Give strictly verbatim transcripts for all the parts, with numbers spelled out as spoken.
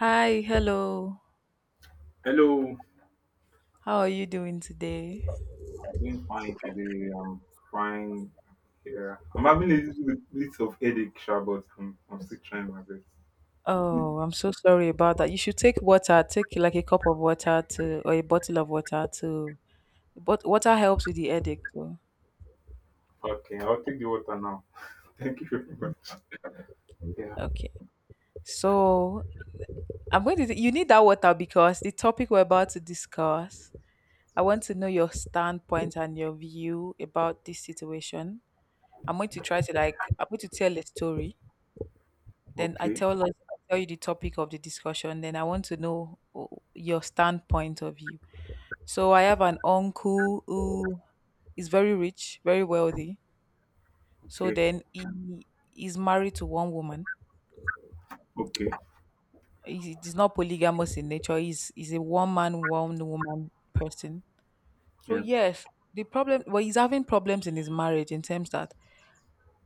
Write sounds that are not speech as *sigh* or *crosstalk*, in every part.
Hi, hello. Hello, How are you doing today? I'm doing fine today. I'm fine here. I'm having a little bit bit of headache, sha, but I'm, I'm still trying my best. Oh, I'm so sorry about that. You should take water. Take like a cup of water to, or a bottle of water to. But water helps with the headache too. Okay, I'll take the water now. *laughs* Thank you very much. Yeah. Okay. So I'm going to. You need that water because the topic we're about to discuss. I want to know your standpoint and your view about this situation. I'm going to try to like. I'm going to tell a story. Then I Okay. tell us. I tell you the topic of the discussion. Then I want to know oh, your standpoint of view. So I have an uncle who is very rich, very wealthy. So Okay. then he is married to one woman. Okay. He is not polygamous in nature. He's he's a one man, one woman person. So Yeah. yes, the problem well he's having problems in his marriage in terms that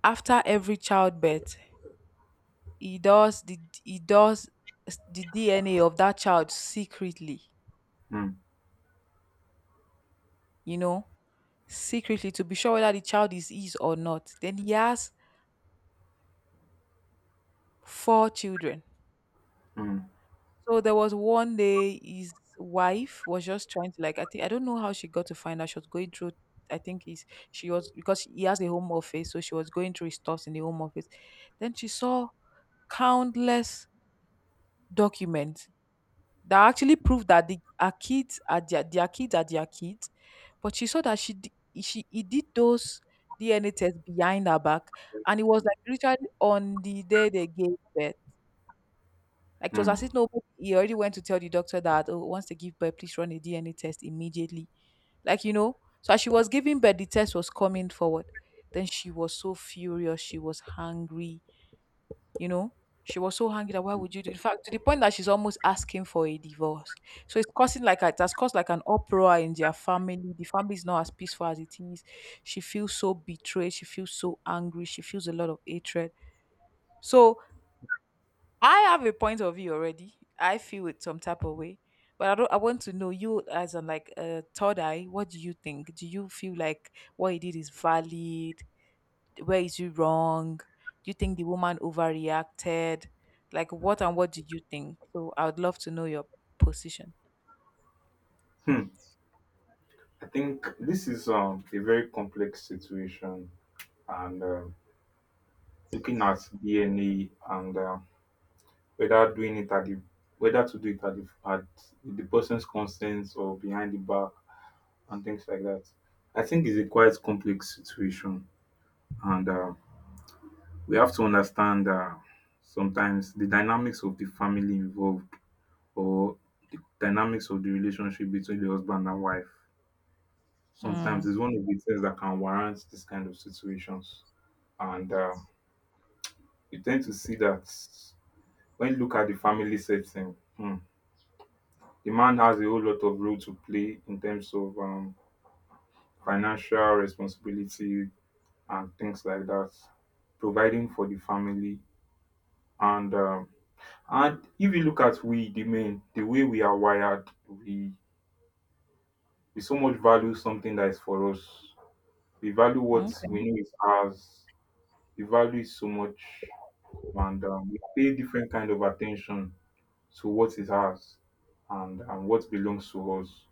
after every childbirth, he does the he does s- the D N A of that child secretly, Hmm. you know, secretly to be sure whether the child is his or not. Then he has four children. Hmm. So there was one day his wife was just trying to like I think I don't know how she got to find out. She was going through I think he's she was, because he has a home office, so she was going through his stuffs in the home office. Then she saw countless documents that actually proved that the our kids are their, their kids are their kids, but she saw that she d- she he did those D N A tests behind her back, and it was like literally on the day they gave birth. Like it was Hmm. as if nobody he already went to tell the doctor that oh, once they give birth, please run a D N A test immediately. Like you know, so as she was giving birth, the test was coming forward. Then she was so furious, she was hungry, you know. She was so hungry that why would you do? In fact, to the point that she's almost asking for a divorce. So it's causing like a, it has caused like an uproar in their family. The family is not as peaceful as it is. She feels so betrayed. She feels so angry. She feels a lot of hatred. So I have a point of view already. I feel it some type of way, but I don't. I want to know you as a like a third eye. What do you think? Do you feel like what he did is valid? Where is you wrong? Do you think the woman overreacted? Like what, and what do you think? So I would love to know your position. Hmm. I think this is um, a very complex situation, and um looking at D N A and uh, whether doing it at the whether to do it at the, at the person's consent or behind the back and things like that. I think it's a quite complex situation, and uh, we have to understand uh, sometimes the dynamics of the family involved or the dynamics of the relationship between the husband and wife. Mm, Sometimes it's one of the things that can warrant this kind of situations, and uh, you tend to see that when you look at the family setting, hmm, the man has a whole lot of role to play in terms of um, financial responsibility, and things like that, providing for the family. And um, and if you look at we the men, the way we are wired, we we so much value something that is for us. We value what we okay. know is ours. We value it so much, and um, we pay different kind of attention to what is ours and and what belongs to us.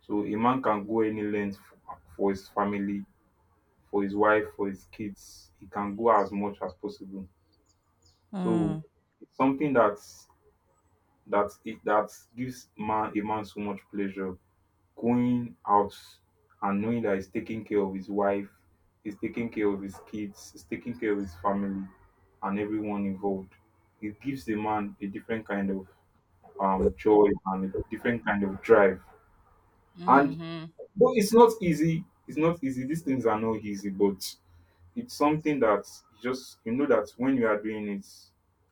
So a man can go any length for, for his family, for his wife, for his kids. He can go as much as possible. So Mm. it's something that's that it that gives man a man so much pleasure going out and knowing that he's taking care of his wife, he's taking care of his kids, he's taking care of his family and everyone involved. It gives the man a different kind of um joy and a different kind of drive. And Mm-hmm. though it's not easy, it's not easy. These things are not easy, but it's something that you just you know that when you are doing it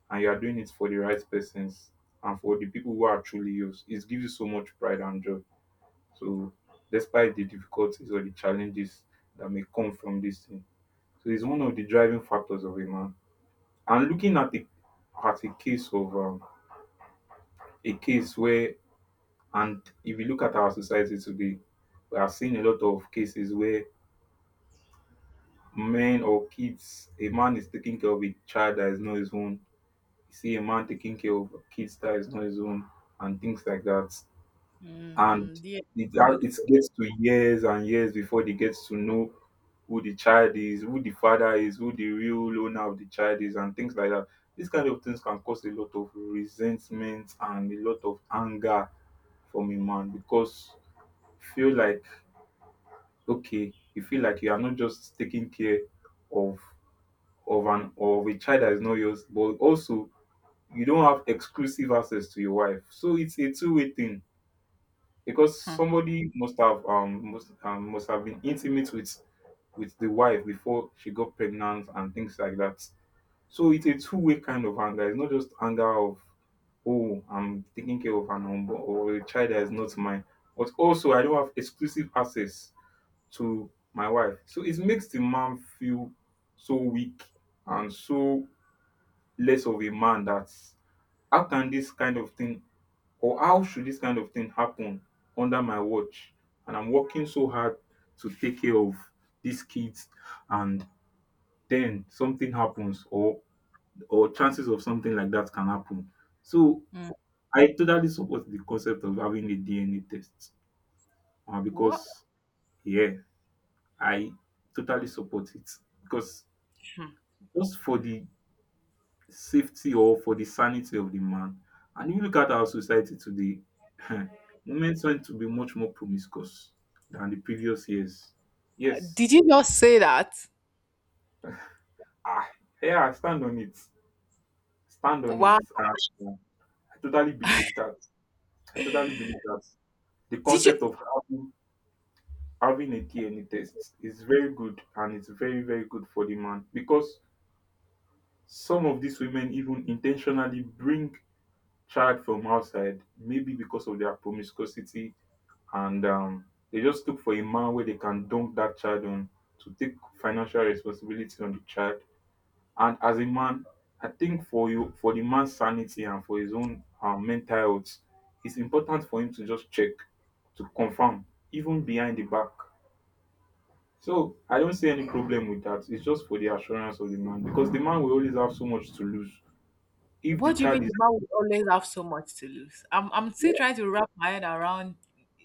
and you are doing it for the right persons and for the people who are truly yours, it gives you so much pride and joy. So despite the difficulties or the challenges that may come from this thing. So it's one of the driving factors of a man. And looking at the at a case of um, a case where and if you look at our society today, we are seeing a lot of cases where men or kids, a man is taking care of a child that is not his own. You see a man taking care of kids that is not his own and things like that. And it, it gets to years and years before they get to know who the child is, who the father is, who the real owner of the child is, and things like that. These kind of things can cause a lot of resentment and a lot of anger from a man because you feel like okay, you feel like you are not just taking care of of an of a child that is not yours, but also you don't have exclusive access to your wife. So it's a two-way thing because somebody must have um must um, must have been intimate with with the wife before she got pregnant and things like that. So it's a two-way kind of anger. It's not just anger of oh I'm taking care of an unborn or a child that is not mine, but also I don't have exclusive access to my wife. So it makes the man feel so weak and so less of a man that how can this kind of thing or how should this kind of thing happen under my watch? And I'm working so hard to take care of these kids and then something happens or or chances of something like that can happen. So I totally support the concept of having a D N A test uh, because yeah, I totally support it because just for the safety or for the sanity of the man. And if you look at our society today, *laughs* women tend to be much more promiscuous than the previous years. Yes. Did you not say that? Ah, yeah, I stand on it. Stand on it. Wow. Ah, I totally believe that. I totally believe that. The Did you? concept of having, having a D N A test is very good and it's very, very good for the man because some of these women even intentionally bring child from outside, maybe because of their promiscuity and um, they just look for a man where they can dump that child on to take financial responsibility on the child. And as a man, I think for you, for the man's sanity and for his own um, mental health, it's important for him to just check to confirm, even behind the back. So I don't see any problem with that. It's just for the assurance of the man because the man will always have so much to lose if the What do you child mean is. the man would always have so much to lose? I'm I'm still trying to wrap my head around,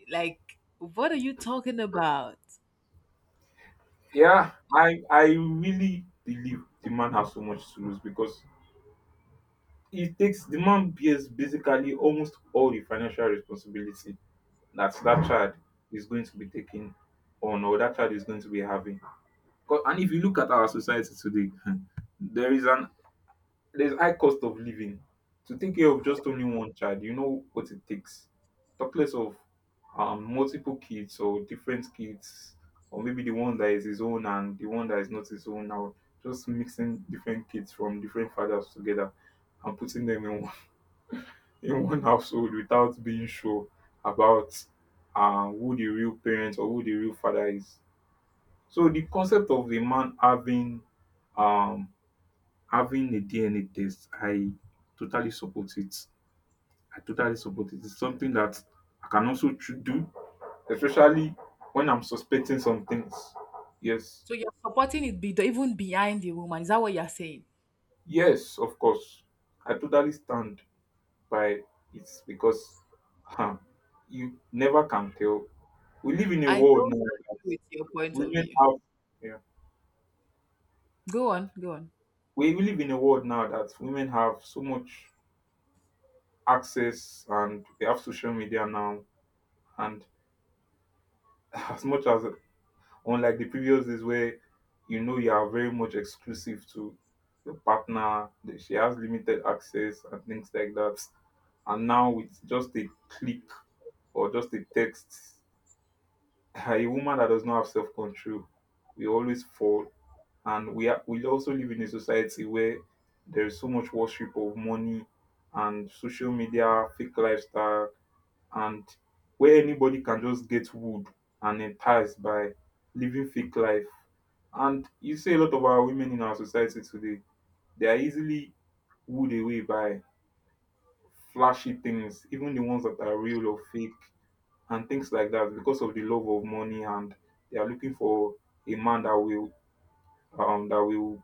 like, what are you talking about? Yeah, I I really believe the man has so much to lose because It takes the man bears basically almost all the financial responsibility that that child is going to be taking on or that child is going to be having. Becau and if you look at our society today *laughs* um there is an there is high cost of living. To take care of just only one child you know what it takes talk less of um multiple kids or different kids or maybe the one that is his own and the one that is not his own now just mixing different kids from different fathers together and putting them in in *laughs* one household without being sure about um who the real parent or who the real father is. So the concept of the man having um having a D N A test, I totally support it. I totally support it. It's something that I can also tr- do, especially when I'm suspecting some things. Yes. So you're supporting it be, even behind the woman. Is that what you're saying? Yes, of course. I totally stand by it because huh, you never can tell. We live in a I world don't now agree with your point of women view. have yeah Go on, go on. we we live in a world now that women have so much access and they have social media now and *laughs* as much as unlike the previous days where you know you are very much exclusive to your partner that she has limited access and things like that and now with just a click or just a text *laughs* a woman that does not have self-control will always fall. And we are, we also live in a society where there is so much worship of money and social media, fake lifestyle, and where anybody can just get wood and enticed by living fake life. And you see a lot of our women in our society today, they are easily wooed away by flashy things, even the ones that are real or fake and things like that, because of the love of money and they are looking for a man that will um that will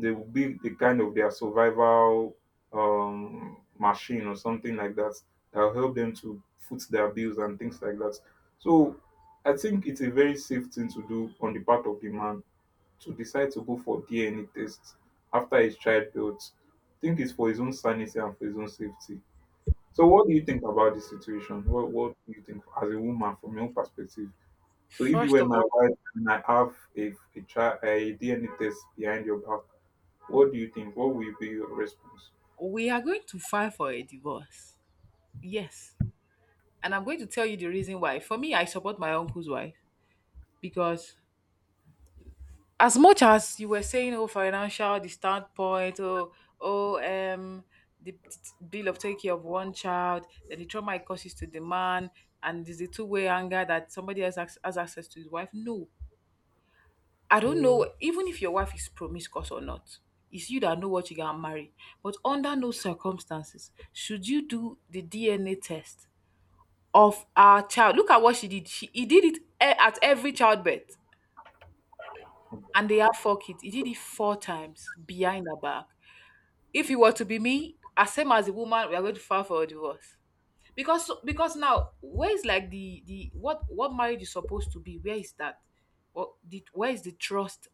they will be the kind of their survival um, machine or something like that that'll help them to foot their bills and things like that. So I think it's a very safe thing to do on the part of the man to decide to go for D N A tests after his childbirth. I think it's for his own sanity and for his own safety. So what do you think about this situation? What what do you think as a woman from your perspective? So if you First were of my all, wife and I have a, a, child, a D N A test behind your back, what do you think? What will be your response? we are going to file for a divorce. Yes. And I'm going to tell you the reason why. For me, I support my uncle's wife because as much as you were saying, oh, financial, the standpoint, oh, oh, um, the t- t- bill of taking care of one child, then the trauma it causes to the man, and there's a two-way anger that somebody else has, has access to his wife. No, I don't know. Even if your wife is promiscuous or not, it's you that know what you can marry. But under no circumstances should you do the D N A test of our child. Look at what she did. She He did it e- at every childbirth, and they had four kids. He did it four times behind her back. If it were to be me, as same as the woman, we are going to file for a divorce. Because because now, where is like the the what what marriage is supposed to be? Where is that? What the, where is the trust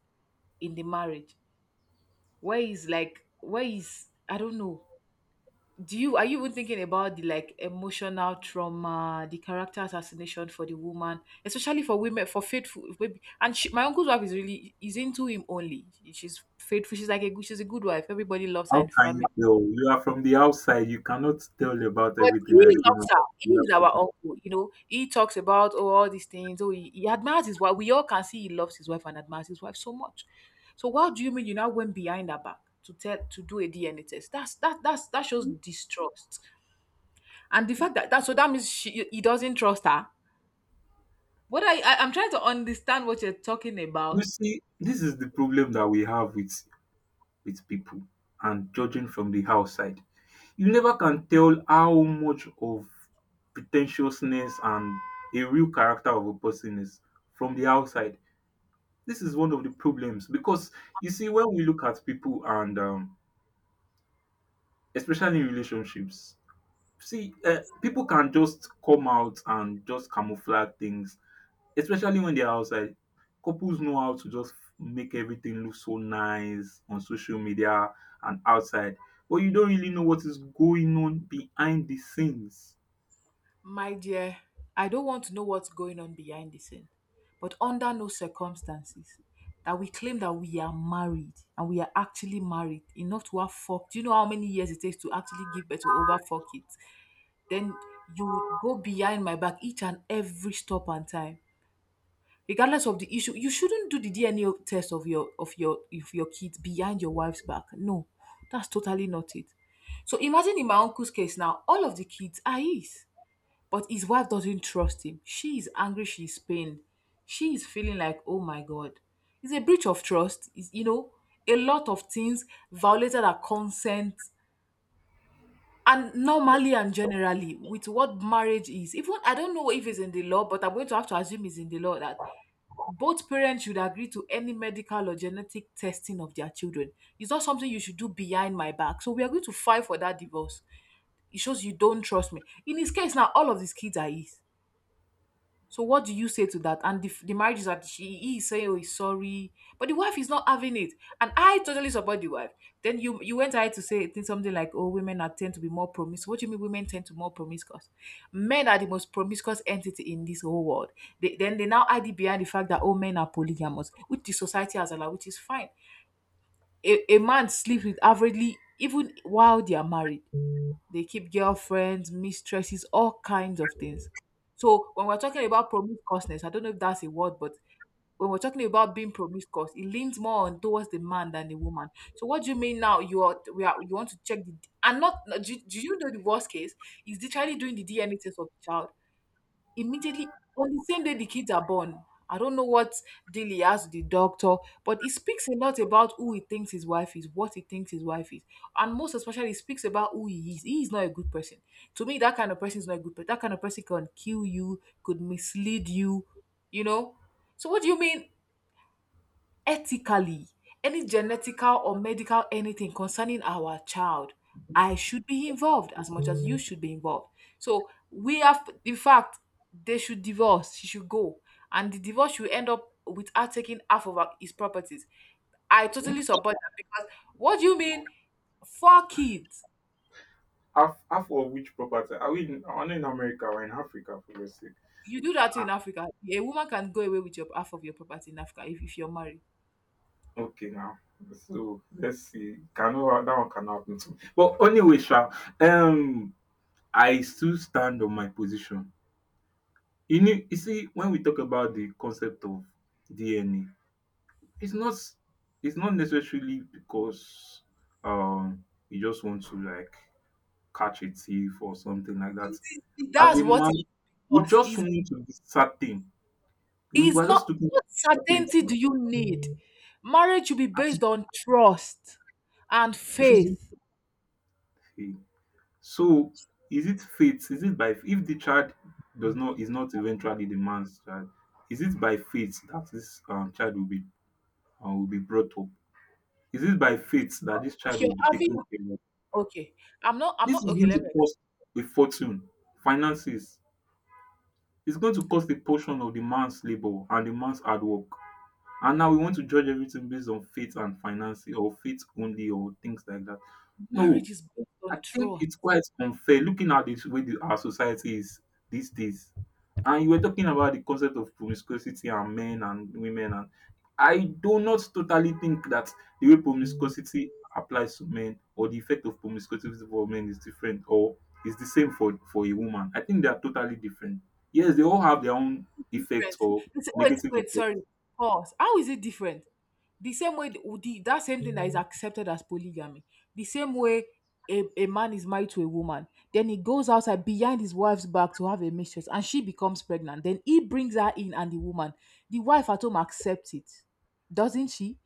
in the marriage? Where is like where is I don't know, do you, are you even thinking about the like emotional trauma, the character assassination for the woman, especially for women for faithful maybe? And she, my uncle's wife is really is into him only. She- she's faithful. She's like a good she's a good wife. Everybody loves her in How the can family, you tell? You are from the outside. You cannot tell about but he everything that's going loves on her. in He that is our person. uncle. You know, he talks about, oh, all these things. Oh, he, he admires his wife. We all can see he loves his wife and admires his wife so much. So what do you mean you now went behind her back to tell to do a DNA test? That's that that's that shows distrust, and the fact that that so that means she he doesn't trust her. What, I, I I'm trying to understand what you're talking You about. see, this is the problem that we have with with people and judging from the outside. You never can tell how much of pretentiousness and a real character of a person is from the outside. This is one of the problems because you see, when we look at people and um, especially in relationships, see, uh, people can just come out and just camouflage things, especially when they're outside. Couples know how to just make everything look so nice on social media and outside, but you don't really know what is going on behind the scenes. My dear, I don't want to know what's going on behind the scene, but under no circumstances that we claim that we are married and we are actually married enough to have fucked. Do you know how many years it takes to actually give birth to over fuck it? Then you would go behind my back each and every stop and time. Regardless of the issue, you shouldn't do the D N A of- test of your of your of your kids behind your wife's back. No, that's totally not it. So imagine in my uncle's case now, all of the kids are his, but his wife doesn't trust him. She is angry. She is pained. She is feeling like, oh my god, it's a breach of trust. It's, you know, a lot of things violated her consent. And normally and generally, with what marriage is, even I don't know if it's in the law, but I'm going to have to assume it's in the law that both parents should agree to any medical or genetic testing of their children. It's not something you should do behind my back. So we are going to fight for that divorce. It shows you don't trust me. In his case now, all of these kids are his. So what do you say to that? And the, the marriage is that she he is saying, "Oh, he's sorry," but the wife is not having it, and I totally support the wife. Then you you went ahead to say things something like, "Oh, women are tend to be more promiscuous." What do you mean women tend to more promiscuous? Men are the most promiscuous entity in this whole world. They, then they now hide it behind the fact that all men are polygamous, which the society has allowed, which is fine. A, a man sleeps with averagely even while they are married. They keep girlfriends, mistresses, all kinds of things. So when we're talking about promiscuousness, I don't know if that's a word, but when we're talking about being promiscuous, it leans more on towards the man than the woman. So what do you mean now? You are we are You want to check the and not do, do you know the worst case is literally doing the D N A test of the child immediately on the same day the kids are born? I don't know what deal he has with the doctor, but it speaks a lot about who he thinks his wife is, what he thinks his wife is, and most especially, it speaks about who he is. He is not a good person. To me, that kind of person is not a good person. That kind of person can kill you, could mislead you, you know. So, what do you mean? Ethically, any genetical or medical anything concerning our child, I should be involved as much as you should be involved. So we have, in fact, they should divorce. She should go, and the divorce should end up with her taking half of her, his properties. I Hmm? totally support that because what do you mean, four kids? Half, half of which property? Are we in, are we in America or in Africa? For God's sake. You do that in Ah, Africa. A woman can go away with your half of your property in Africa if, if you're married. okay, now. So let's see. Can that one can happen to me. But anyway, Sha, um, I still stand on my position. You need you see, when we talk about the concept of D N A, it's not it's not necessarily because um you just want to like catch a thief or something like that. As That's a what man, it we was. just It's want to be certain. We It's were not, just looking what for certainty certainty. do you need? Marriage should be And based on trust and it should be faith. faith. So is it faith? Is it by if the child does not is not eventually the man's child, is it by faith that this um, child will be uh, will be brought up? Is it by faith that this If child will you're be taken having care of? okay, I'm not I'm This not is okay, going let to me ex- cost a fortune, finances. It's going to cost a portion of the man's labor and the man's hard work. And now we want to judge everything based on faith and finances or faith only or things like that. No, marriage is based I on think trust. it's quite unfair looking at this way the, our society is these days. And you were talking about the concept of promiscuity and men and women, and I do not totally think that the way promiscuity applies to men or the effect of promiscuity for men is different or is the same for for a woman. I think they are totally different. Yes, they all have their own effects Different? or They say, wait, negative wait, sorry, effects. pause. How is it different? The same way, the, the- that same thing that is accepted as polygamy, the same way a, a man is married to a woman, then he goes outside behind his wife's back to have a mistress and she becomes pregnant. Then he brings her in and the woman, the wife at home accepts it, doesn't she?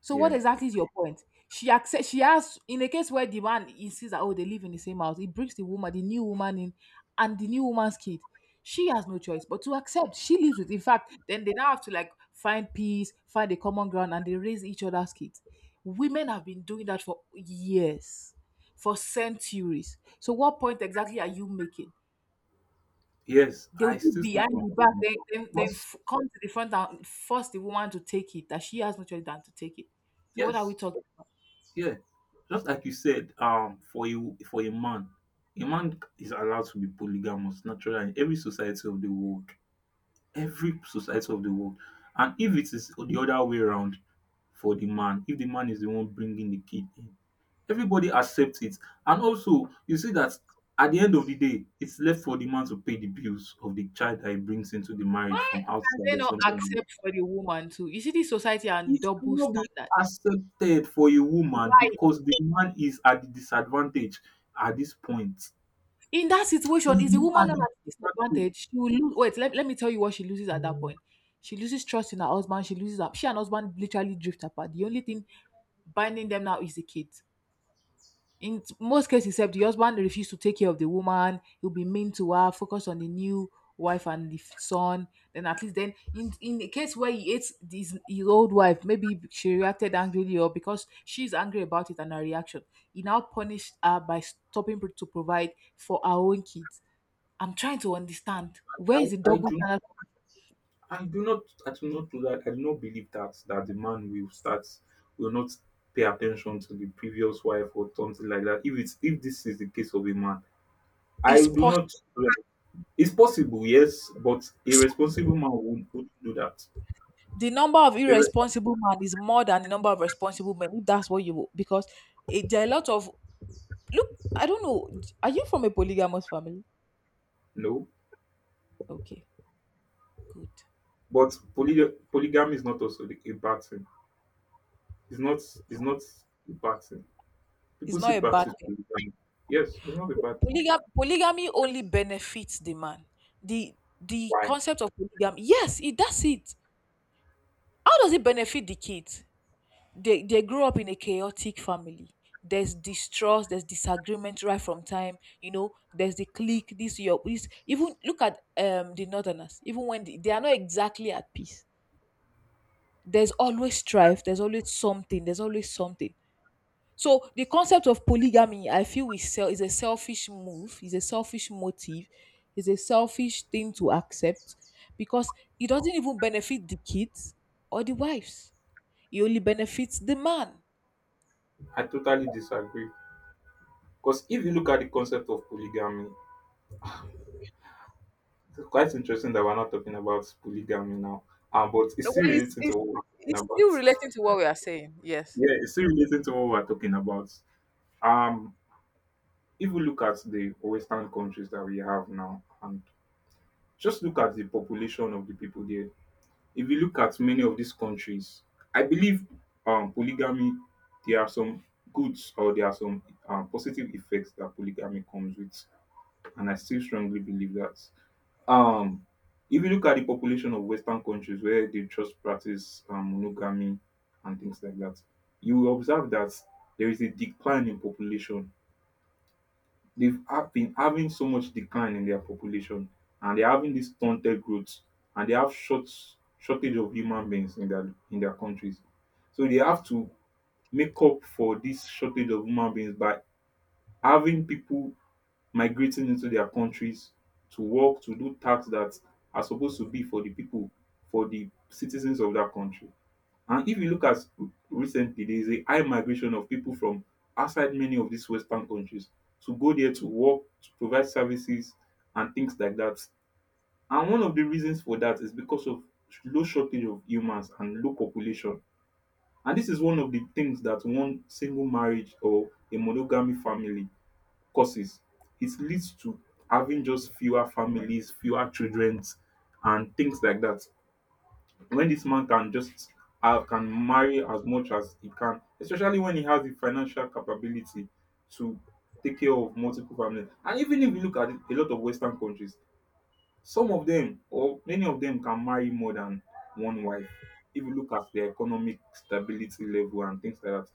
So what Yes, exactly is your point? She accept. She has, in a case where the man insists that, oh, they live in the same house, it brings the woman, the new woman in, and the new woman's kid. She has no choice but to accept. She lives with. In fact, then they now have to like find peace, find a common ground, and they raise each other's kids. Women have been doing that for years, for centuries. So what point exactly are you making? yes, They'll I do still stand behind for the back, my then then, then because f- come to the front and force the woman to take it, that she has no choice than to take it. So what are we yes, talking? yeah, just like you said, um, for you for a man, a man is allowed to be polygamous naturally in every society of the world, every society of the world. And if it is the other way around for the man, if the man is the one bringing the kid in, everybody accepts it. And also, you see that at the end of the day, it's left for the man to pay the bills of the child that he brings into the marriage Why from can outside they or not something. accept for the woman too? You see, this society and It double cannot be standard. accepted for a woman Why? because the man is at the disadvantage at this point. In that situation, He's is the not woman at not at the a disadvantage. disadvantage? She will lose. Wait, let, let me tell you what she loses at that point. She loses trust in her husband. She loses her. She and husband literally drift apart. The only thing binding them now is the kid. in t- most cases, except the husband refused to take care of the woman, he'll be mean to her, focus on the new wife and the f- son. Then at least then, in in the case where he hates his, his old wife, maybe she reacted angrily, or because she's angry about it and her reaction, he now punished her by stopping pro- to provide for her own kids. I'm trying to understand, where is I, the I double do not standard? I do not I do not do that. I do not believe that that the man will start will not pay attention to the previous wife or something like that. If it's if this is the case of a man, I It's do possible. not, it's possible, yes, but a responsible man would, would do that. The number of A res- irresponsible men is more than the number of responsible men, if that's what you because it, there are a lot of. Look, I don't know. Are you from a polygamous family? no. Okay, good. But poly- polygamy is not also the- a bad thing. It's not it's not a bad thing. It's People not still a bad practice thing. polygamy. Yes, it's not a bad thing. Polygam- polygamy only benefits the man. The the Why? concept of polygamy, yes, it does it. How does it benefit the kids? They they grow up in a chaotic family. There's distrust, there's disagreement right from time. You know, there's the clique. This your this, even look at um the northerners. Even when they, they are not exactly at peace, there's always strife. There's always something. There's always something. So the concept of polygamy, I feel, is, sel- is a selfish move, is a selfish motive, is a selfish thing to accept, because it doesn't even benefit the kids or the wives. It only benefits the man. I totally disagree. Because if you look at the concept of polygamy, it's quite interesting that we're not talking about polygamy now. Um, but it's No, still well, it's, relating to it's, what we're talking it's still about. relating to what we are saying. Yes. Yeah, it's still relating to what we're talking about. Um, if we look at the Western countries that we have now, and just look at the population of the people there, if you look at many of these countries, I believe um, polygamy, there are some goods or there are some um, positive effects that polygamy comes with. And I still strongly believe that. Um, if you look at the population of Western countries where they just practice um, monogamy and things like that, you will observe that there is a decline in population, they've have been having so much decline in their population and they're having this stunted growth and they have short shortage of human beings in their in their countries. So they have to make up for this shortage of human beings by having people migrating into their countries to work, to do tasks that are supposed to be for the people, for the citizens of that country. And if you look at recently, there is a high migration of people from outside many of these Western countries to go there to work, to provide services, and things like that. And one of the reasons for that is because of low shortage of humans and low population. And this is one of the things that one single marriage or a monogamy family causes. It leads to having just fewer families, fewer children, and things like that when this man can just have can marry as much as he can, especially when he has the financial capability to take care of multiple families. And even if you look at it, a lot of Western countries, some of them or many of them can marry more than one wife. If you look at their economic stability level and things like that,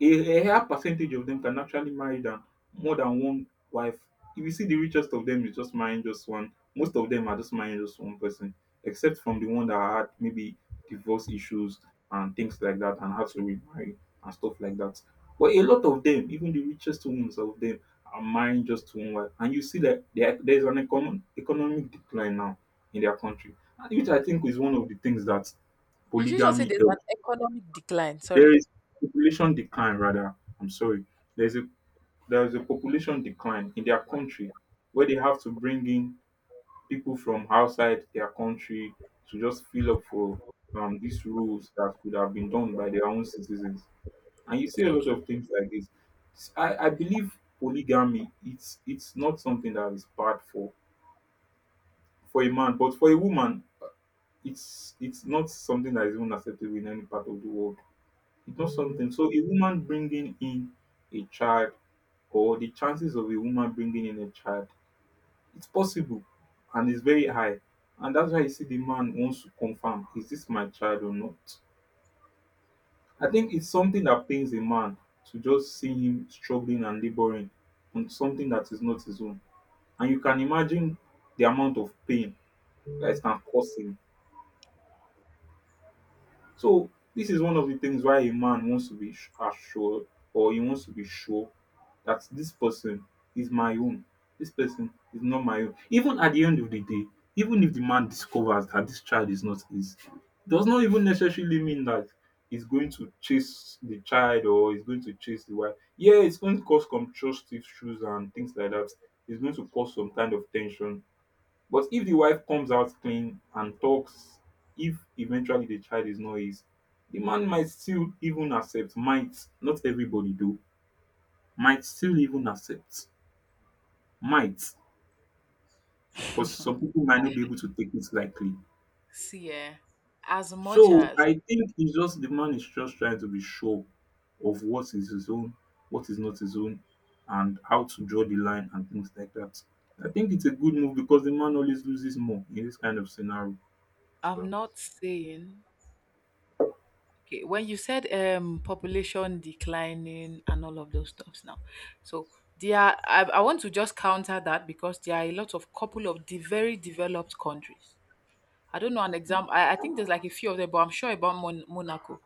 a, a higher percentage of them can actually marry than more than one wife. If you see the richest of them is just marrying just one, most of them are just marrying just one person, except from the one that had maybe divorce issues and things like that and had to remarry and stuff like that. But a lot of them, even the richest ones of them, are marrying just one wife. And you see that there, there's an economic, economic decline now in their country, and which I think is one of the things that Did you just say polygamy, there's an economic decline? there Sorry. is population decline rather. I'm sorry. There's a there's a population decline in their country where they have to bring in people from outside their country to just fill up for um, these rules that could have been done by their own citizens. And you see a lot Okay, of things like this. S- I, I believe polygamy, it's it's not something that is bad for for a man, but for a woman it's it's not something that is even acceptable in any part of the world. It does something. So a woman bringing in a child or the chances of a woman bringing in a child, it's possible and it's very high. And that's why you see the man wants to confirm, is this my child or not? I think it's something that pains a man to just see him struggling and laboring on something that is not his own. And you can imagine the amount of pain that it can cause him. So this is one of the things why a man wants to be sh- assured or he wants to be sure that this person is my own. This person is not my own. Even at the end of the day, even if the man discovers that this child is not his, does not even necessarily mean that he's going to chase the child or he's going to chase the wife. Yeah, it's going to cause some trust issues and things like that. It's going to cause some kind of tension, but if the wife comes out clean and talks, if eventually the child is not his, the man might still even accept. Might not everybody do. Might still even accept. Might, because some people might not be able to take it lightly. see, eh, as much So as I think it's just the man is just trying to be sure of what is his own, what is not his own, and how to draw the line and things like that. I think it's a good move because the man always loses more in this kind of scenario. I'm So not saying. Okay, when you said um population declining and all of those stuffs now, so there are- I, I want to just counter that, because there are a lot of couple of the very developed countries. I don't know an mm, example. I, I think there's like a few of them, but I'm sure about Mon- Monaco.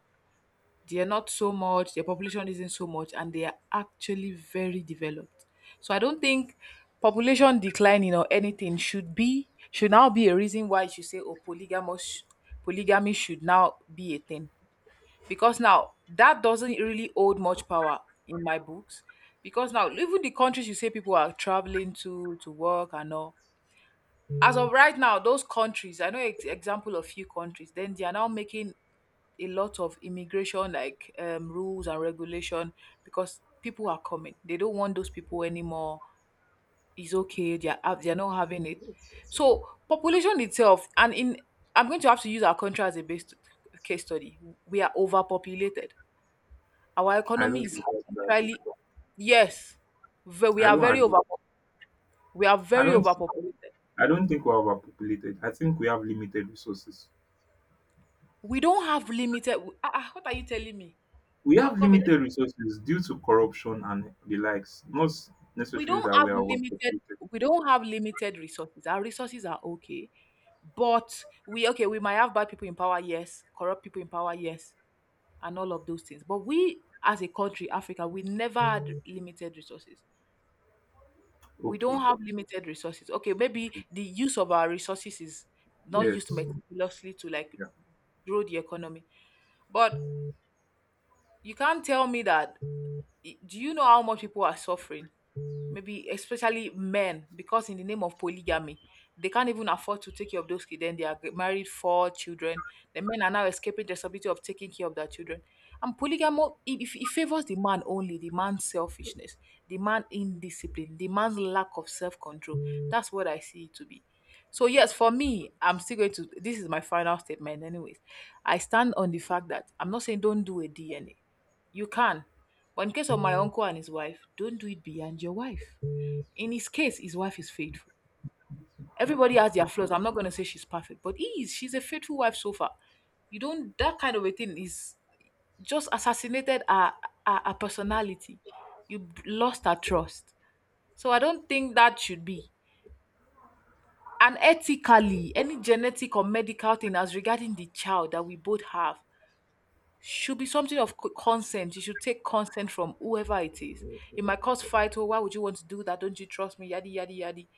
They are not so much. Their population isn't so much, and they are actually very developed. So I don't think population declining or anything should be should now be a reason why you should say, oh, polygamous polygamy should now be a thing, because now that doesn't really hold much power in my books. Because now, even the countries you say people are traveling to to work and all, as of right now, those countries I know ex- example of few countries, then they are now making a lot of immigration, like, um, rules and regulation, because people are coming, they don't want those people anymore. It's okay, they are hav- they are not having it. So population itself, and in, I'm going to have to use our country as a base case study. We are overpopulated. Our I economy don't is think it's that. entirely, yes, ve- we I are don't very agree. over, we are I very don't overpopulated. I don't think we're overpopulated. I think we have limited resources. We don't have limited. Ah, ah, what are you telling me? We I'm have coming. limited resources due to corruption and the likes. Not We necessarily don't that have we are limited. overpopulated. We don't have limited resources. Our resources are okay, but we okay. We might have bad people in power, yes. Corrupt people in power, yes, and all of those things. But we, as a country, Africa, we never had limited resources. We Okay. don't have limited resources. Okay, maybe the use of our resources is not used Yes. meticulously to like Yeah. grow the economy, but you can't tell me that. Do you know how much people are suffering, maybe especially men, because in the name of polygamy, they can't even afford to take care of those kids? Then they are g- married four children. The men are now escaping the responsibility of taking care of their children. And polygamy, it, it it favors the man only, the man's selfishness, the man indiscipline, the man's lack of self-control. That's what I see it to be. So yes, for me, I'm still going to. This is my final statement, anyways. I stand on the fact that I'm not saying don't do a D N A. You can. But in case of my uncle and his wife, don't do it beyond your wife. In his case, his wife is faithful. Everybody has their flaws. I'm not going to say she's perfect, but he is. She's a faithful wife so far. You don't, that kind of a thing is just assassinated her, her, her personality. You b- lost her trust. So I don't think that should be. And ethically, any genetic or medical thing as regarding the child that we both have, should be something of co- consent. You should take consent from whoever it is. It might cause fight. Oh, why would you want to do that? Don't you trust me? Yadi yadi yadi.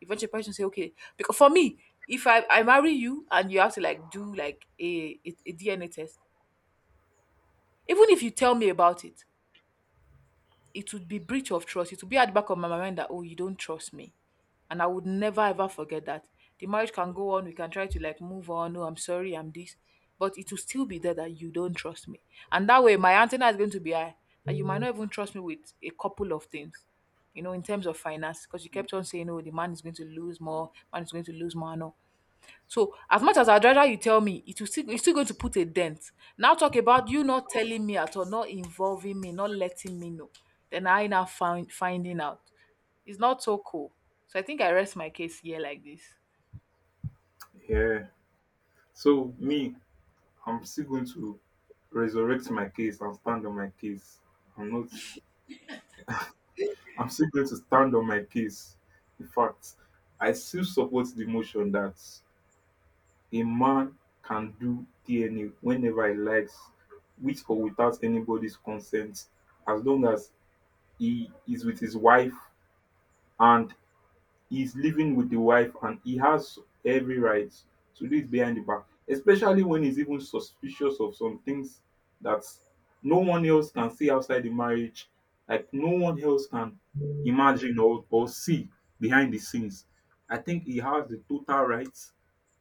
Eventually, person say, okay. Because for me, if I, I marry you and you have to like do like a, a, a D N A test, even if you tell me about it, it would be breach of trust. It would be at the back of my mind that, oh, you don't trust me, and I would never ever forget that. The marriage can go on. We can try to like move on. No, I'm sorry. I'm this, but it will still be there that you don't trust me, and that way my antenna is going to be high, that you might not even trust me with a couple of things. You know, in terms of finance, because you kept on saying, "Oh, the man is going to lose more. Man is going to lose more." No, so as much as I'd rather you tell me, it will still it's still going to put a dent. Now talk about you not telling me at all, not involving me, not letting me know. Then I now find finding out. It's not so cool. So I think I rest my case here like this. Yeah. So me, I'm still going to resurrect my case and stand on my case. I'm not, I'm still going to stand on my case. In fact, I still support the motion that a man can do D N A whenever he likes, with or without anybody's consent, as long as he is with his wife and he's living with the wife and he has every right to do it behind the back, especially when he's even suspicious of some things that no one else can see outside the marriage, like no one else can imagine or, or see behind the scenes. I think he has the total right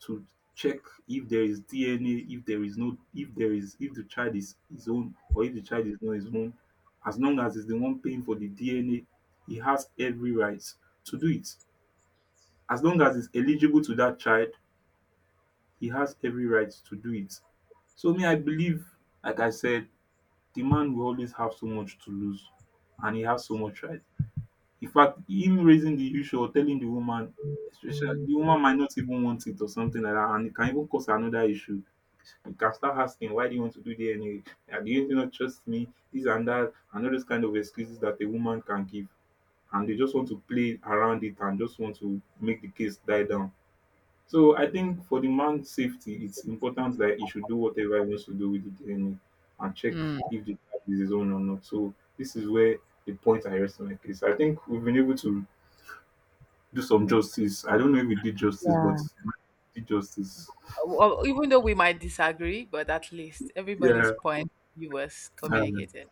to check if there is D N A, if there is no, if there is, if the child is his own or if the child is not his own. As long as he's the one paying for the D N A, he has every right to do it, as long as he's eligible to that child, he has every right to do it. So me, I believe, like I said, the man will always have so much to lose and he has so much right. In fact, him raising the issue or telling the woman, especially the woman might not even want it or something like that, and it can even cause another issue. You can start asking, why do you want to do that anyway? Yeah, do you not trust me? This and that, and all those kind of excuses that a woman can give. And they just want to play around it and just want to make the case die down. So I think for the man's safety, it's important that he should do whatever he wants to do with the D N A and check Hmm. if the tag is his own or not. So this is where the point I rest on my case. I think we've been able to do some justice. I don't know if we did justice, Yeah. but we did justice. *laughs* Well, even though we might disagree, but at least everybody's Yeah. point you was um, communicated.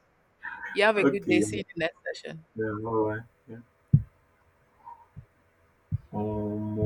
You have a good okay. day. See Yeah. you in the next session. Yeah, all right. Yeah. Um,